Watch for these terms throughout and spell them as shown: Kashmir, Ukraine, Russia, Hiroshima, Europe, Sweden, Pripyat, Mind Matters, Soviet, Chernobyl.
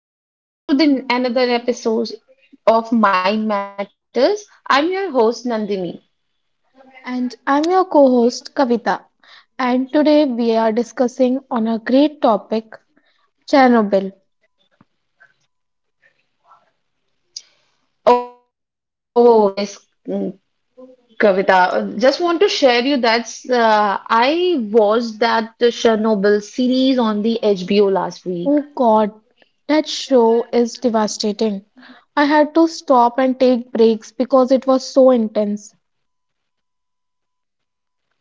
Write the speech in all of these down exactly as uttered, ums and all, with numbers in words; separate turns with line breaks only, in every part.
Hello everyone. Um, welcome to the another episode of Mind Matters. I'm your host Nandini.
And I'm your co-host Kavita. And today we are discussing on a great topic, Chernobyl.
Oh yes, mm, Kavita. Just want to share you that's uh, I watched that Chernobyl series on the H B O last
Oh
week.
God, that show is devastating. I had to stop and take breaks because it was so intense.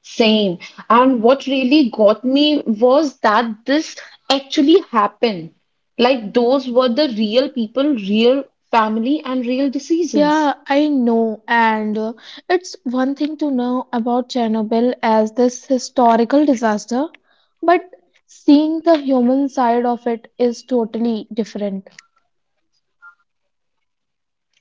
Same. And what really got me was that this actually happened. Like those were the real people, real family, and real
Yeah,
decisions.
I know, and uh, it's one thing to know about Chernobyl as this historical disaster, but seeing the human side of it is totally different.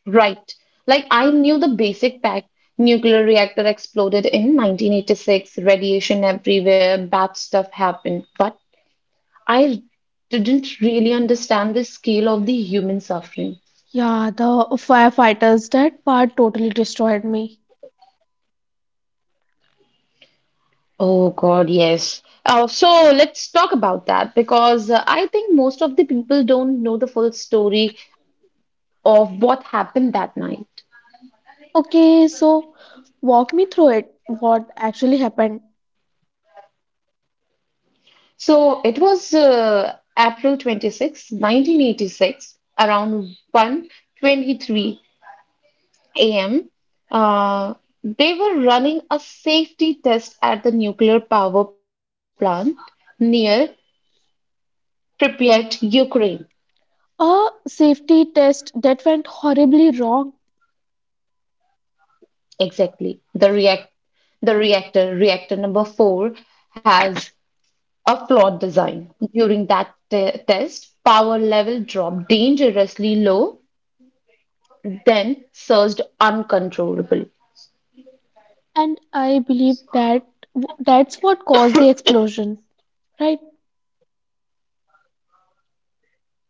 Right. Like I knew the basic fact. Nuclear reactor exploded in nineteen eighty-six, radiation everywhere, bad stuff happened. But I didn't really understand the scale of the human suffering.
Yeah, the firefighters, that part totally destroyed me.
Oh God, yes. Uh, so let's talk about that because uh, I think most of the people don't know the full story of what happened that night.
Okay, so walk me through it. What actually happened?
So it was uh, April twenty-sixth, nineteen eighty-six, around one twenty three. a m, uh, they were running a safety test at the nuclear power plant near Pripyat, Ukraine.
A safety test that went horribly wrong,
Exactly. The react the reactor, reactor number four, has a flawed design. During that te- test, power level dropped dangerously low, then surged uncontrollably.
and I believe that w- that's what caused the explosion, right?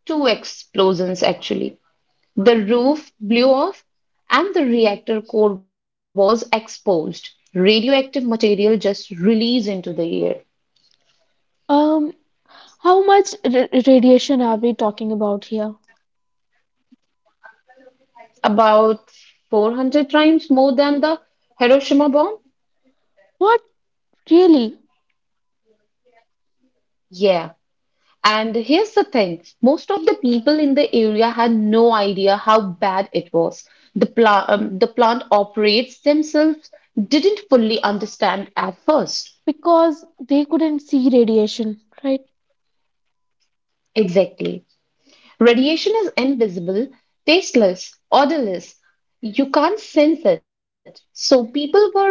Two explosions, actually. The roof blew off, and the reactor core was exposed. Radioactive material just released into the air,
Um, how much ra- radiation are we talking about here?
about four hundred times more than the Hiroshima bomb.
What really?
Yeah. And here's the thing most of the people in the area had no idea how bad it was. The, pla- um, the plant operators themselves didn't fully understand at first.
Because they couldn't see radiation, right?
Exactly. Radiation is invisible, tasteless, odorless. You can't sense it. So people were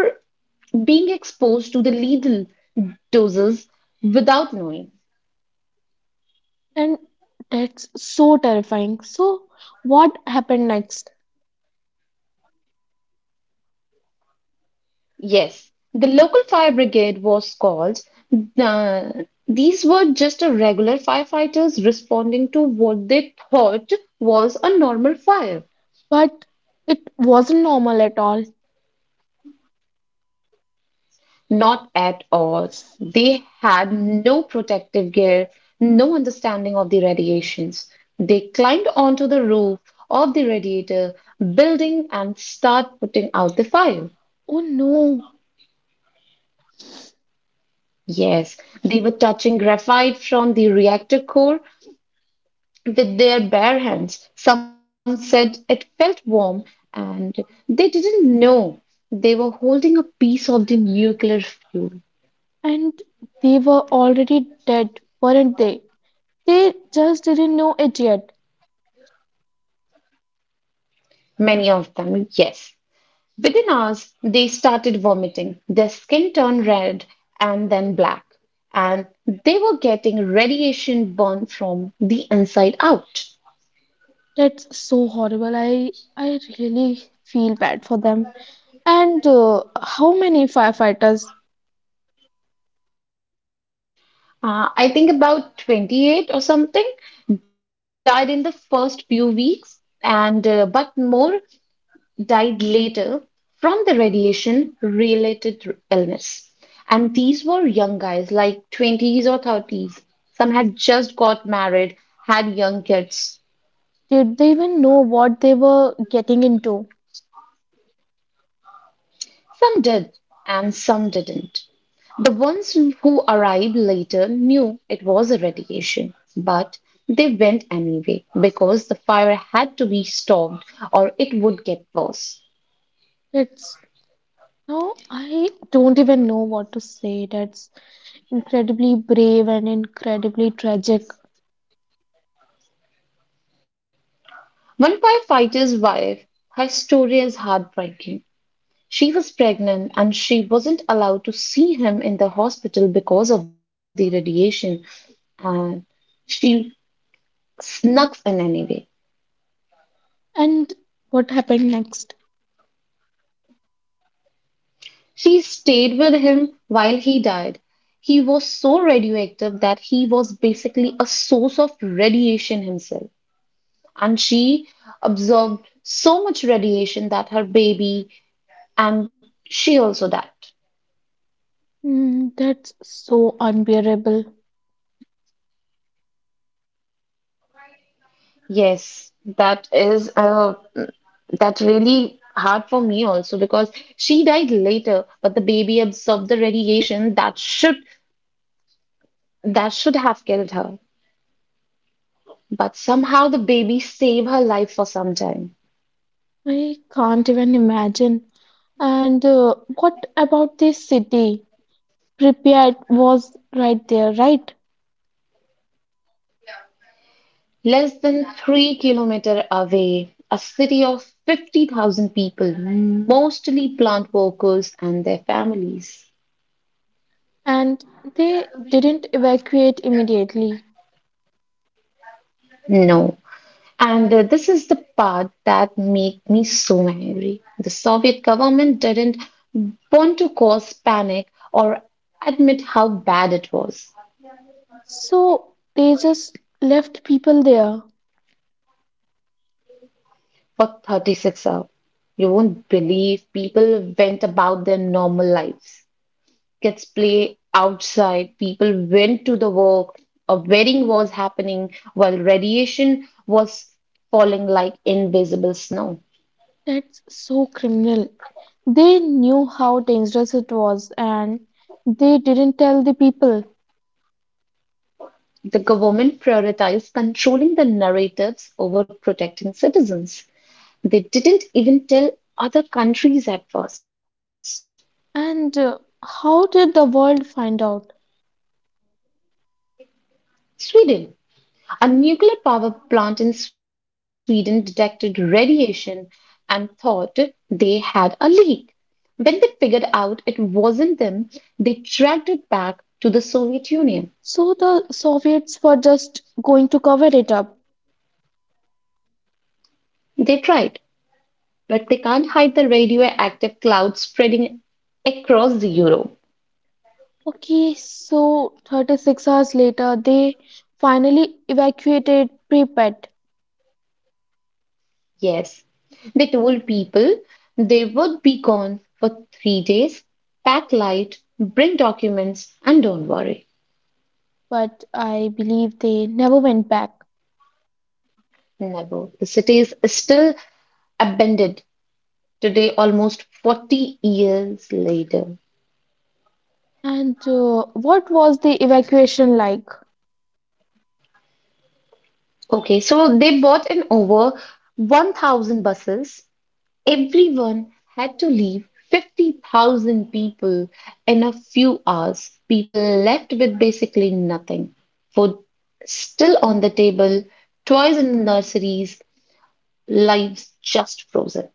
being exposed to the lethal doses without knowing.
And that's so terrifying. So, what happened next?
Yes, the local fire brigade was called. Uh, these were just a regular firefighters responding to what they thought was a normal fire.
But it wasn't normal at all.
Not at all. They had no protective gear, no understanding of the radiations. They climbed onto the roof of the radiator building and start putting out the fire.
Oh no.
Yes, they were touching graphite from the reactor core with their bare hands. Some said it felt warm and they didn't know they were holding a piece of the nuclear fuel.
And they were already dead, weren't they? They just didn't know it yet.
Many of them, yes. Within hours, they started vomiting. Their skin turned red and then black, and they were getting radiation burn from the inside out.
That's so horrible. I I really feel bad for them. And uh, how many firefighters
Uh, I think about twenty-eight or something died in the first few weeks, and uh, but more died later from the radiation related illness. And these were young guys, like twenties or thirties. Some had just got married, had young kids.
did they even know what they were getting into?
Some did, and some didn't. The ones who arrived later knew it was a radiation, but they went anyway because the fire had to be stopped or it would get worse.
That's no, I don't even know what to say. That's incredibly brave and incredibly tragic.
One firefighter's wife, her story is heartbreaking. She was pregnant and she wasn't allowed to see him in the hospital because of the radiation, and she snuck in anyway.
And what happened next?
She stayed with him while he died. He was so radioactive that he was basically a source of radiation himself. And she absorbed so much radiation that her baby and she also died.
Mm, that's so unbearable.
Yes, that is uh, that's really hard for me also because she died later, but the baby absorbed the radiation that should that should have killed her. But somehow the baby saved her life for some time.
I can't even imagine. And uh, what about the city? Pripyat was right there, right?
Less than three kilometer away, a city of fifty thousand people, mostly plant workers and their families.
And they didn't evacuate immediately.
No. And uh, this is the part that make me so angry. The Soviet government didn't want to cause panic or admit how bad it was.
So they just left people there.
For thirty-six hours, you won't believe people went about their normal lives. Kids play outside, people went to the work, a wedding was happening while radiation was falling like invisible snow.
That's so criminal. They knew how dangerous it was and they didn't tell the people.
The government prioritized controlling the narratives over protecting citizens. They didn't even tell other countries at first.
And uh, how did the world find out?
Sweden. A nuclear power plant in Sweden detected radiation and thought they had a leak. When they figured out it wasn't them, they tracked it back to the Soviet Union.
So the Soviets were just going to cover it up.
They tried, but they can't hide the radioactive cloud spreading across the Europe.
Okay, so thirty-six hours later, they finally evacuated Pripyat,
Yes, they told people they would be gone for three days. Pack light, bring documents, and don't worry.
but I believe they never went back.
Never. The city is still abandoned today almost forty years later.
And uh, what was the evacuation like?
Okay, so they bought in over one thousand buses. Everyone had to leave fifty thousand people in a few hours. People left with basically nothing. Food still on the table, toys in the nurseries, lives just frozen.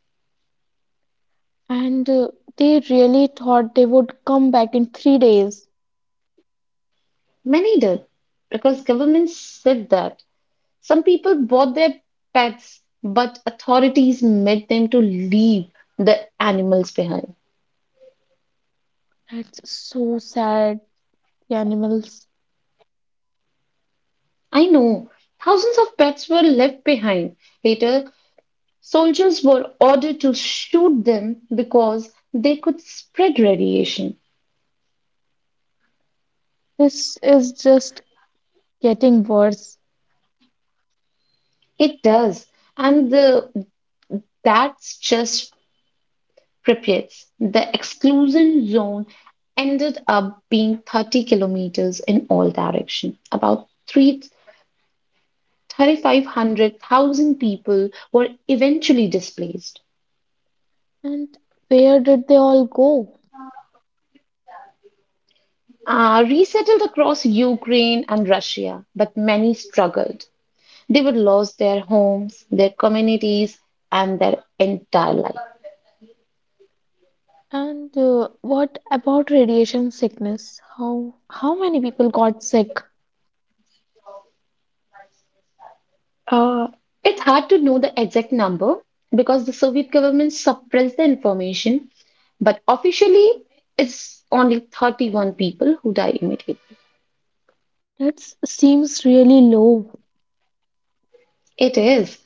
And uh, they really thought they would come back in three days.
Many did because governments said that. Some people bought their pets, but authorities made them to leave the animals behind.
That's so sad, the animals.
I know. Thousands of pets were left behind. Later, soldiers were ordered to shoot them because they could spread radiation.
This is just getting worse.
It does. And the, that's just Pripyat. The exclusion zone ended up being thirty kilometers in all direction, about three. Thirty-five hundred thousand people were eventually displaced,
And where did they all go?
uh, resettled across Ukraine and Russia, but many struggled. They were lost their homes, their communities, and their entire life.
And uh, what about radiation sickness? How how many people got sick?
Uh, it's hard to know the exact number because the Soviet government suppressed the information, but officially, it's only thirty-one people who died immediately.
That seems really low.
It is.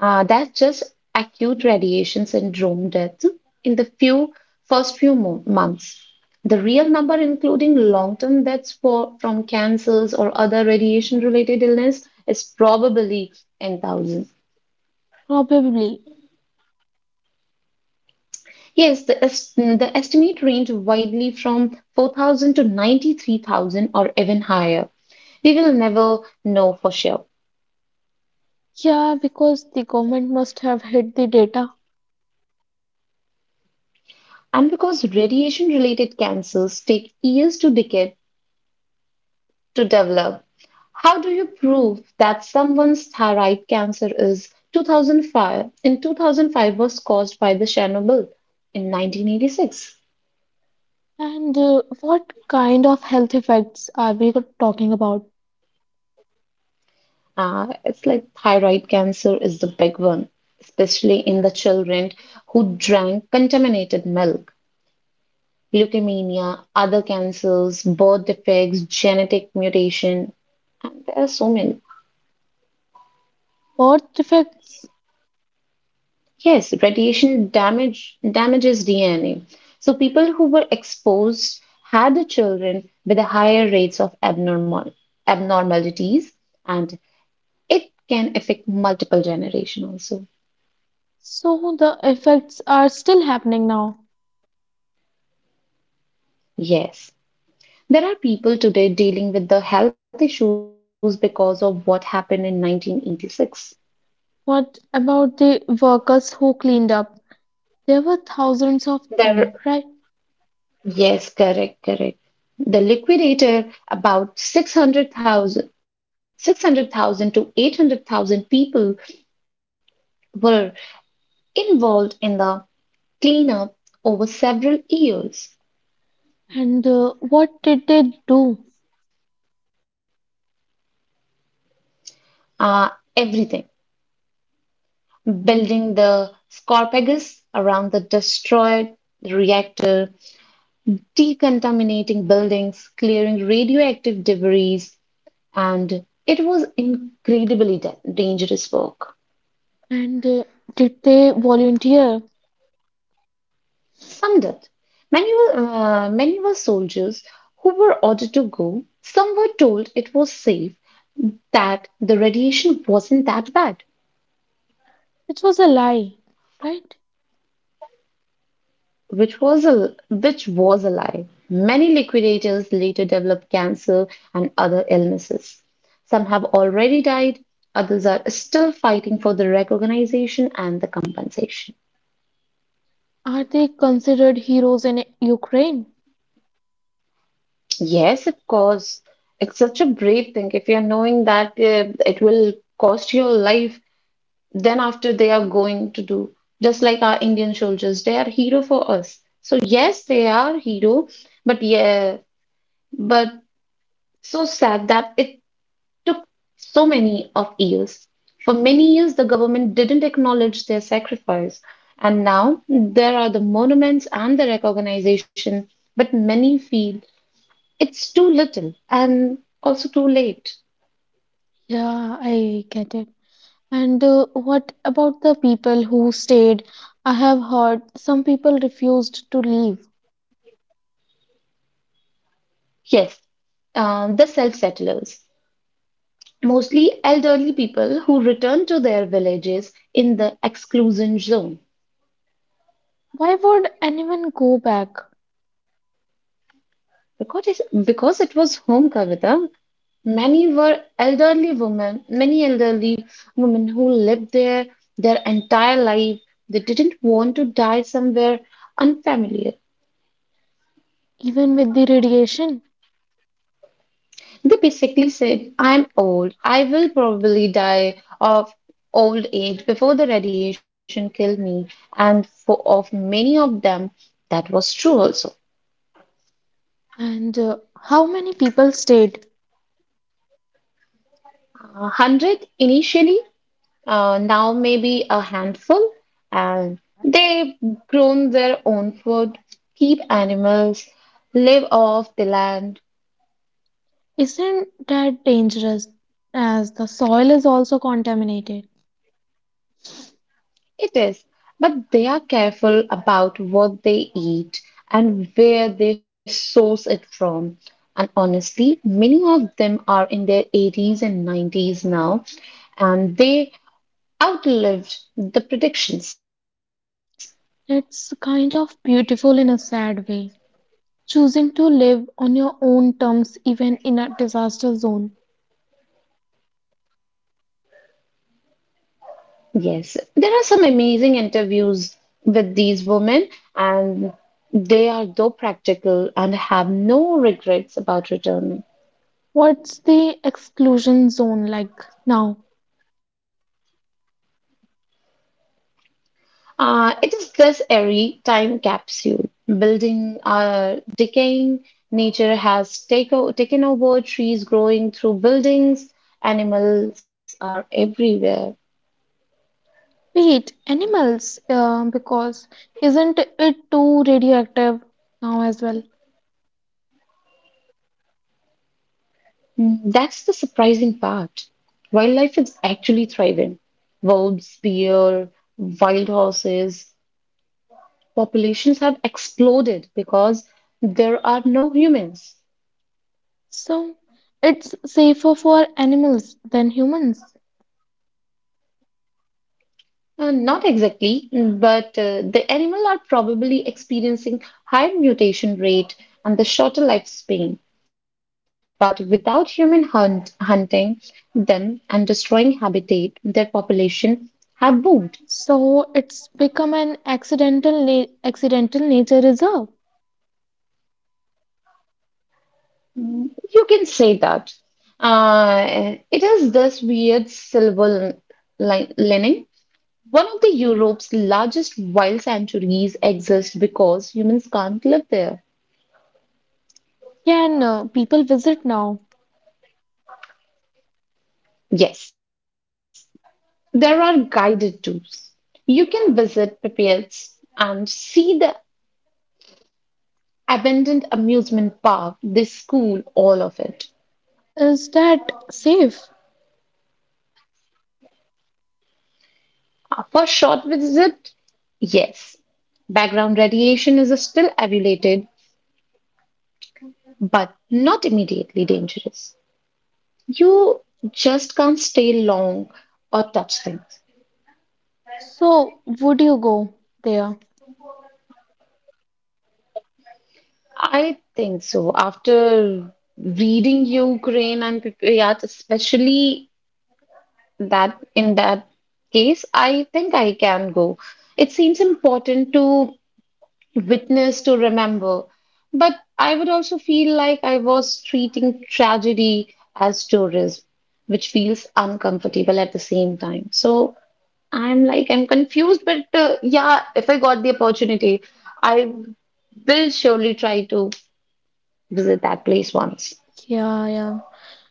Uh, that's just acute radiation syndrome death in the few first few mo- months. The real number, including long-term deaths for, from cancers or other radiation-related illness, is probably ten thousand.
Probably.
Yes, the, est- the estimate range widely from four thousand to ninety-three thousand or even higher. We will never know for sure.
Yeah, because the government must have hid the data.
And because radiation-related cancers take years to decay to develop, how do you prove that someone's thyroid cancer is twenty oh five in twenty oh five was caused by the Chernobyl in nineteen eighty-six?
And uh, what kind of health effects are we talking about?
Uh, it's like thyroid cancer is the big one, especially in the children who drank contaminated milk. Leukemia, other cancers, birth defects, genetic mutation, and there are so many.
Birth defects.
Yes, radiation damage damages D N A. So people who were exposed had the children with the higher rates of abnormal abnormalities, and it can affect multiple generation also.
So the effects are still happening now.
Yes. There are people today dealing with the health issues because of what happened in nineteen eighty-six.
What about the workers who cleaned up? There were thousands of them,
There,
right?
yes, correct, correct. The liquidator, about six hundred thousand, six hundred thousand to eight hundred thousand people were involved in the cleanup over several years.
And uh, what did they do?
Uh, everything building the sarcophagus around the destroyed reactor, decontaminating buildings, clearing radioactive debris, and it was incredibly da- dangerous work.
And uh, did they volunteer?
Some death. Many were, uh, many were soldiers who were ordered to go. Some were told it was safe, that the radiation wasn't that bad.
Which was a lie, right?
which was a which was a lie. Many liquidators later developed cancer and other illnesses. Some have already died, others are still fighting for the recognition and the compensation.
Are they considered heroes in Ukraine?
Yes, of course. It's such a brave thing if you're knowing that uh, it will cost your life, then after they are going to do just like our Indian soldiers, they are hero for us. So yes, they are hero, but yeah, but so sad that it took so many of years. For many years, the government didn't acknowledge their sacrifice, and now there are the monuments and the recognition, but many feel it's too little and also too late.
Yeah, I get it. And uh, what about the people who stayed? I have heard some people refused to leave.
Yes, uh, the self settlers, mostly elderly people who returned to their villages in the exclusion zone.
Why would anyone go back,
Because, because it was home, Kavita. Many were elderly women, many elderly women who lived there their entire life. They didn't want to die somewhere unfamiliar.
even with the radiation?
They basically said, I'm old. I will probably die of old age before the radiation killed me. And for of many of them, that was true also.
And uh, how many people stayed?
A hundred initially, uh, now maybe a handful, and they grown their own food, keep animals, live off the land.
Isn't that dangerous, as the soil is also contaminated?
It is, but they are careful about what they eat and where they source it from. And honestly, many of them are in their eighties and nineties now, and they outlived the predictions.
It's kind of beautiful in a sad way. Choosing to live on your own terms even in a disaster zone.
Yes, there are some amazing interviews with these women, and they are though practical and have no regrets about returning.
What's the exclusion zone like now?
Uh, it is this airy time capsule. Building uh, decaying, nature has take o- taken over, trees growing through buildings, animals are everywhere.
Wait, animals, uh, because isn't it too radioactive now as well?
Mm, that's the surprising part. Wildlife is actually thriving. Wolves, bear, wild horses, populations have exploded because there are no humans.
So it's safer for animals than humans.
Uh, not exactly, but uh, the animal are probably experiencing higher mutation rate and the shorter lifespan. But without human hunt, hunting them and destroying habitat, their population have boomed.
So it's become an accidental na- accidental nature reserve.
You can say that. Uh, it is this weird silver li lining. One of the Europe's largest wild sanctuaries exists because humans can't live there.
Can uh, people visit now?
Yes, there are guided tours. You can visit Pipets and see the abandoned amusement park, the school, all of it.
Is that safe?
For a short visit, yes, background radiation is still evaluated, but not immediately dangerous. You just can't stay long or touch things.
So would you go there?
I think so. After reading Ukraine and Pripyat, especially that in that case, I think I can go. It seems important to witness, to remember, but I would also feel like I was treating tragedy as tourism, which feels uncomfortable at the same time. So I'm like, I'm confused, but uh, yeah, if I got the opportunity, I will surely try to visit that place once.
Yeah, yeah.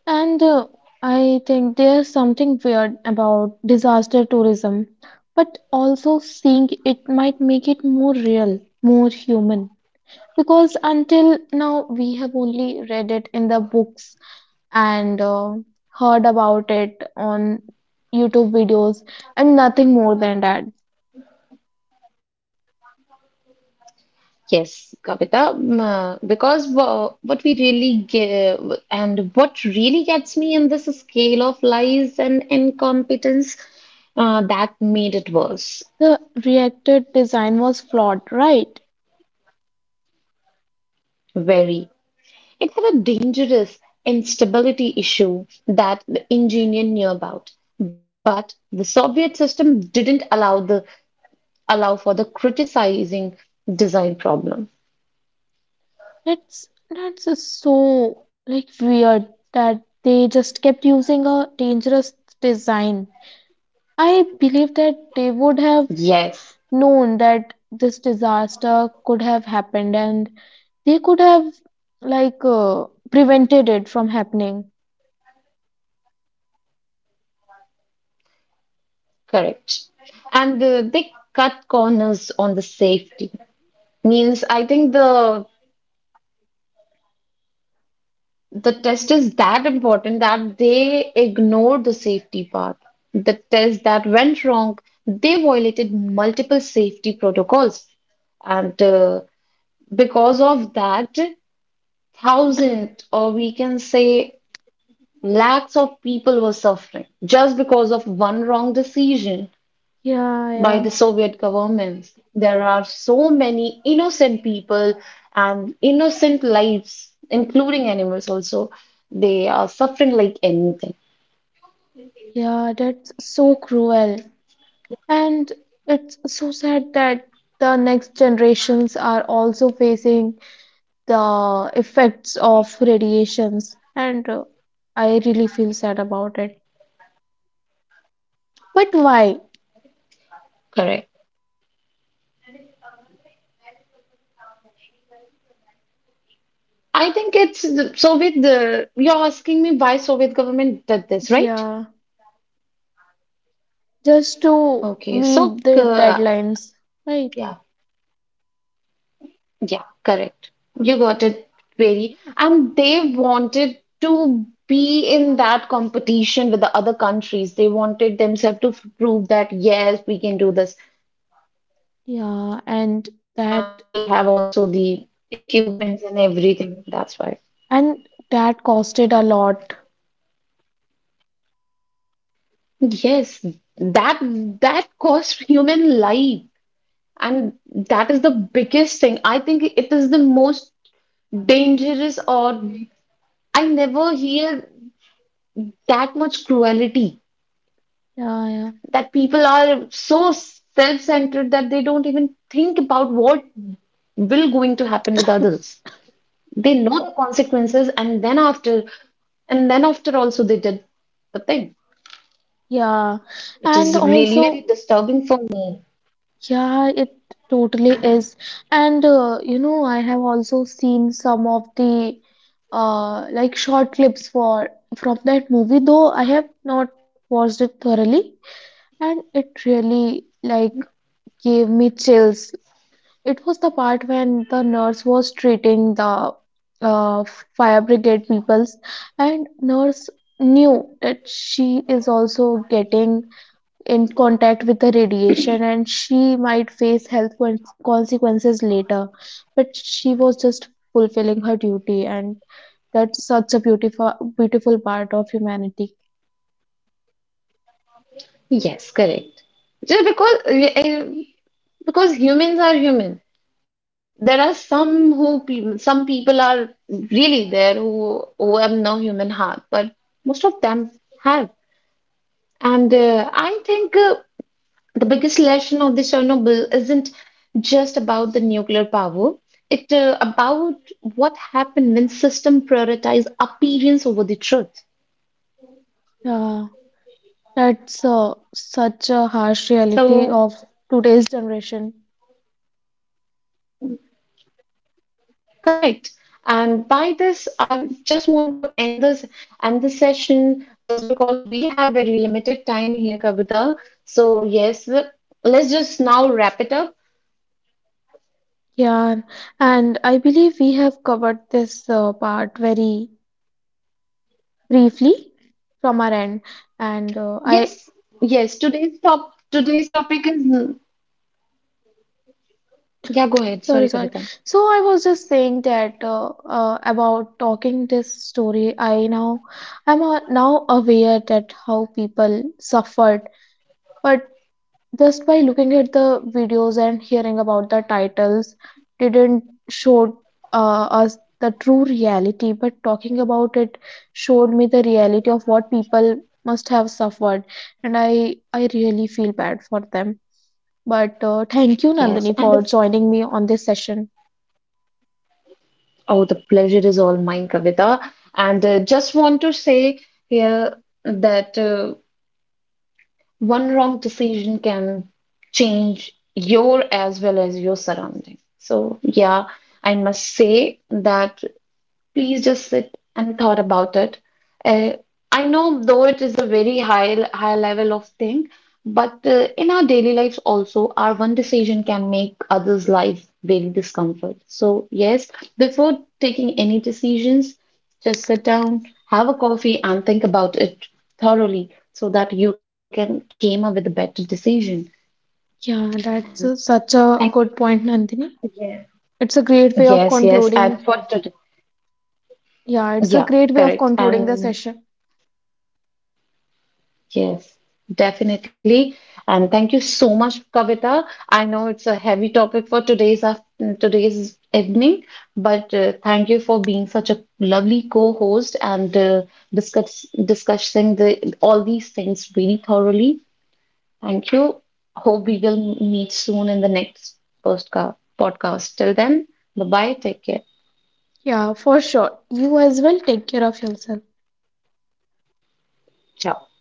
And uh, I think there's something weird about disaster tourism, but also seeing it might make it more real, more human. Because until now, we have only read it in the books and uh, heard about it on YouTube videos and nothing more than that.
Yes, Kavita, um, uh, because uh, what we really give and what really gets me in this scale of lies and incompetence uh, that made it worse.
The reactor design was flawed, right?
Very. It had a dangerous instability issue that the engineer knew about. But the Soviet system didn't allow the allow for the criticizing design problem.
That's that's just so like weird that they just kept using a dangerous design. I believe that they would have
Yes.
known that this disaster could have happened and they could have like uh, prevented it from happening.
Correct. And uh, they cut corners on the safety. Means I think the the test is that important that they ignored the safety part. The test that went wrong, they violated multiple safety protocols. And uh, because of that, thousands, or we can say lakhs of people were suffering just because of one wrong decision
Yeah,
by
yeah.
the Soviet governments. There are so many innocent people and innocent lives, including animals also. They are suffering like anything.
Yeah, that's so cruel. And it's so sad that the next generations are also facing the effects of radiations and uh, I really feel sad about it, but why?
Correct. I think it's the Soviet. The, you're asking me why Soviet government did this, right?
Yeah, just to
Okay. So,
meet the
uh,
deadlines, right?
yeah, yeah, correct. You got it. Very. And they wanted to be in that competition with the other countries. They wanted themselves to prove that, yes, we can do this.
Yeah,
And
and
we have
that,
also the equipments and everything. That's why.
and that costed a lot.
Yes, that that costs human life. And that is the biggest thing. I think it is the most dangerous, or I never hear that much cruelty,
Yeah, yeah.
that people are so self-centered that they don't even think about what will going to happen with others. They know the consequences, and then after and then after also they did the thing,
Yeah,
which
and
is really very
also
disturbing for me.
yeah, it totally is. And uh, you know, I have also seen some of the uh like short clips for from that movie, though I have not watched it thoroughly, and it really like gave me chills. It was the part when the nurse was treating the uh fire brigade peoples, and nurse knew that she is also getting in contact with the radiation and she might face health con- consequences later, but she was just fulfilling her duty, and that's such a beautiful beautiful part of humanity.
Yes, correct. Just because uh, because humans are human. There are some who pe- some people are really there who who have no human heart, but most of them have. And uh, I think uh, the biggest lesson of the Chernobyl isn't just about the nuclear power. It uh, about what happened when system prioritize appearance over the truth.
Yeah, that's uh, such a
So.
harsh reality of today's generation.
Correct. And by this, I just want to end this end the session just because we have very limited time here, Kavita. So yes, let's just now wrap it up.
Yeah, and I believe we have covered this uh, part very briefly from our end, and uh, I
Yes, yes. Today's top today's topic is, yeah. Go ahead.
Sorry,
Sorry,
sorry.
Kavita.
So I was just saying that uh, uh, about talking this story. I now I'm uh, now aware that how people suffered, but just by looking at the videos and hearing about the titles, didn't show uh, us the true reality. But talking about it showed me the reality of what people must have suffered, and I I really feel bad for them. But uh, thank you, Nandini,
Yes,
for
and the,
joining me on this session.
oh, the pleasure is all mine, Kavita. And uh, just want to say here that. Uh, one wrong decision can change your as well as your surrounding. So, yeah, I must say that please just sit and thought about it. Uh, I know though it is a very high high level of thing, but uh, in our daily lives also, our one decision can make others' life very discomfort. So yes, before taking any decisions, just sit down, have a coffee, and think about it thoroughly so that you can came up with a better decision.
Yeah, that's a, such
And
a good point, Nandini. It's a great way of
yes, yes, and
concluding.
for today,
Yeah, it's a
yeah,
great way of
correct.
concluding the
And
session.
yes, definitely. And thank you so much, Kavita. I know it's a heavy topic for today's af- today's evening, but uh, thank you for being such a lovely co-host, and uh, discuss discussing the all these things really thoroughly. Thank you. Hope we will meet soon in the next postca- podcast. Till then, bye bye. Take care.
Yeah, for sure. You as well take care of yourself.
Ciao.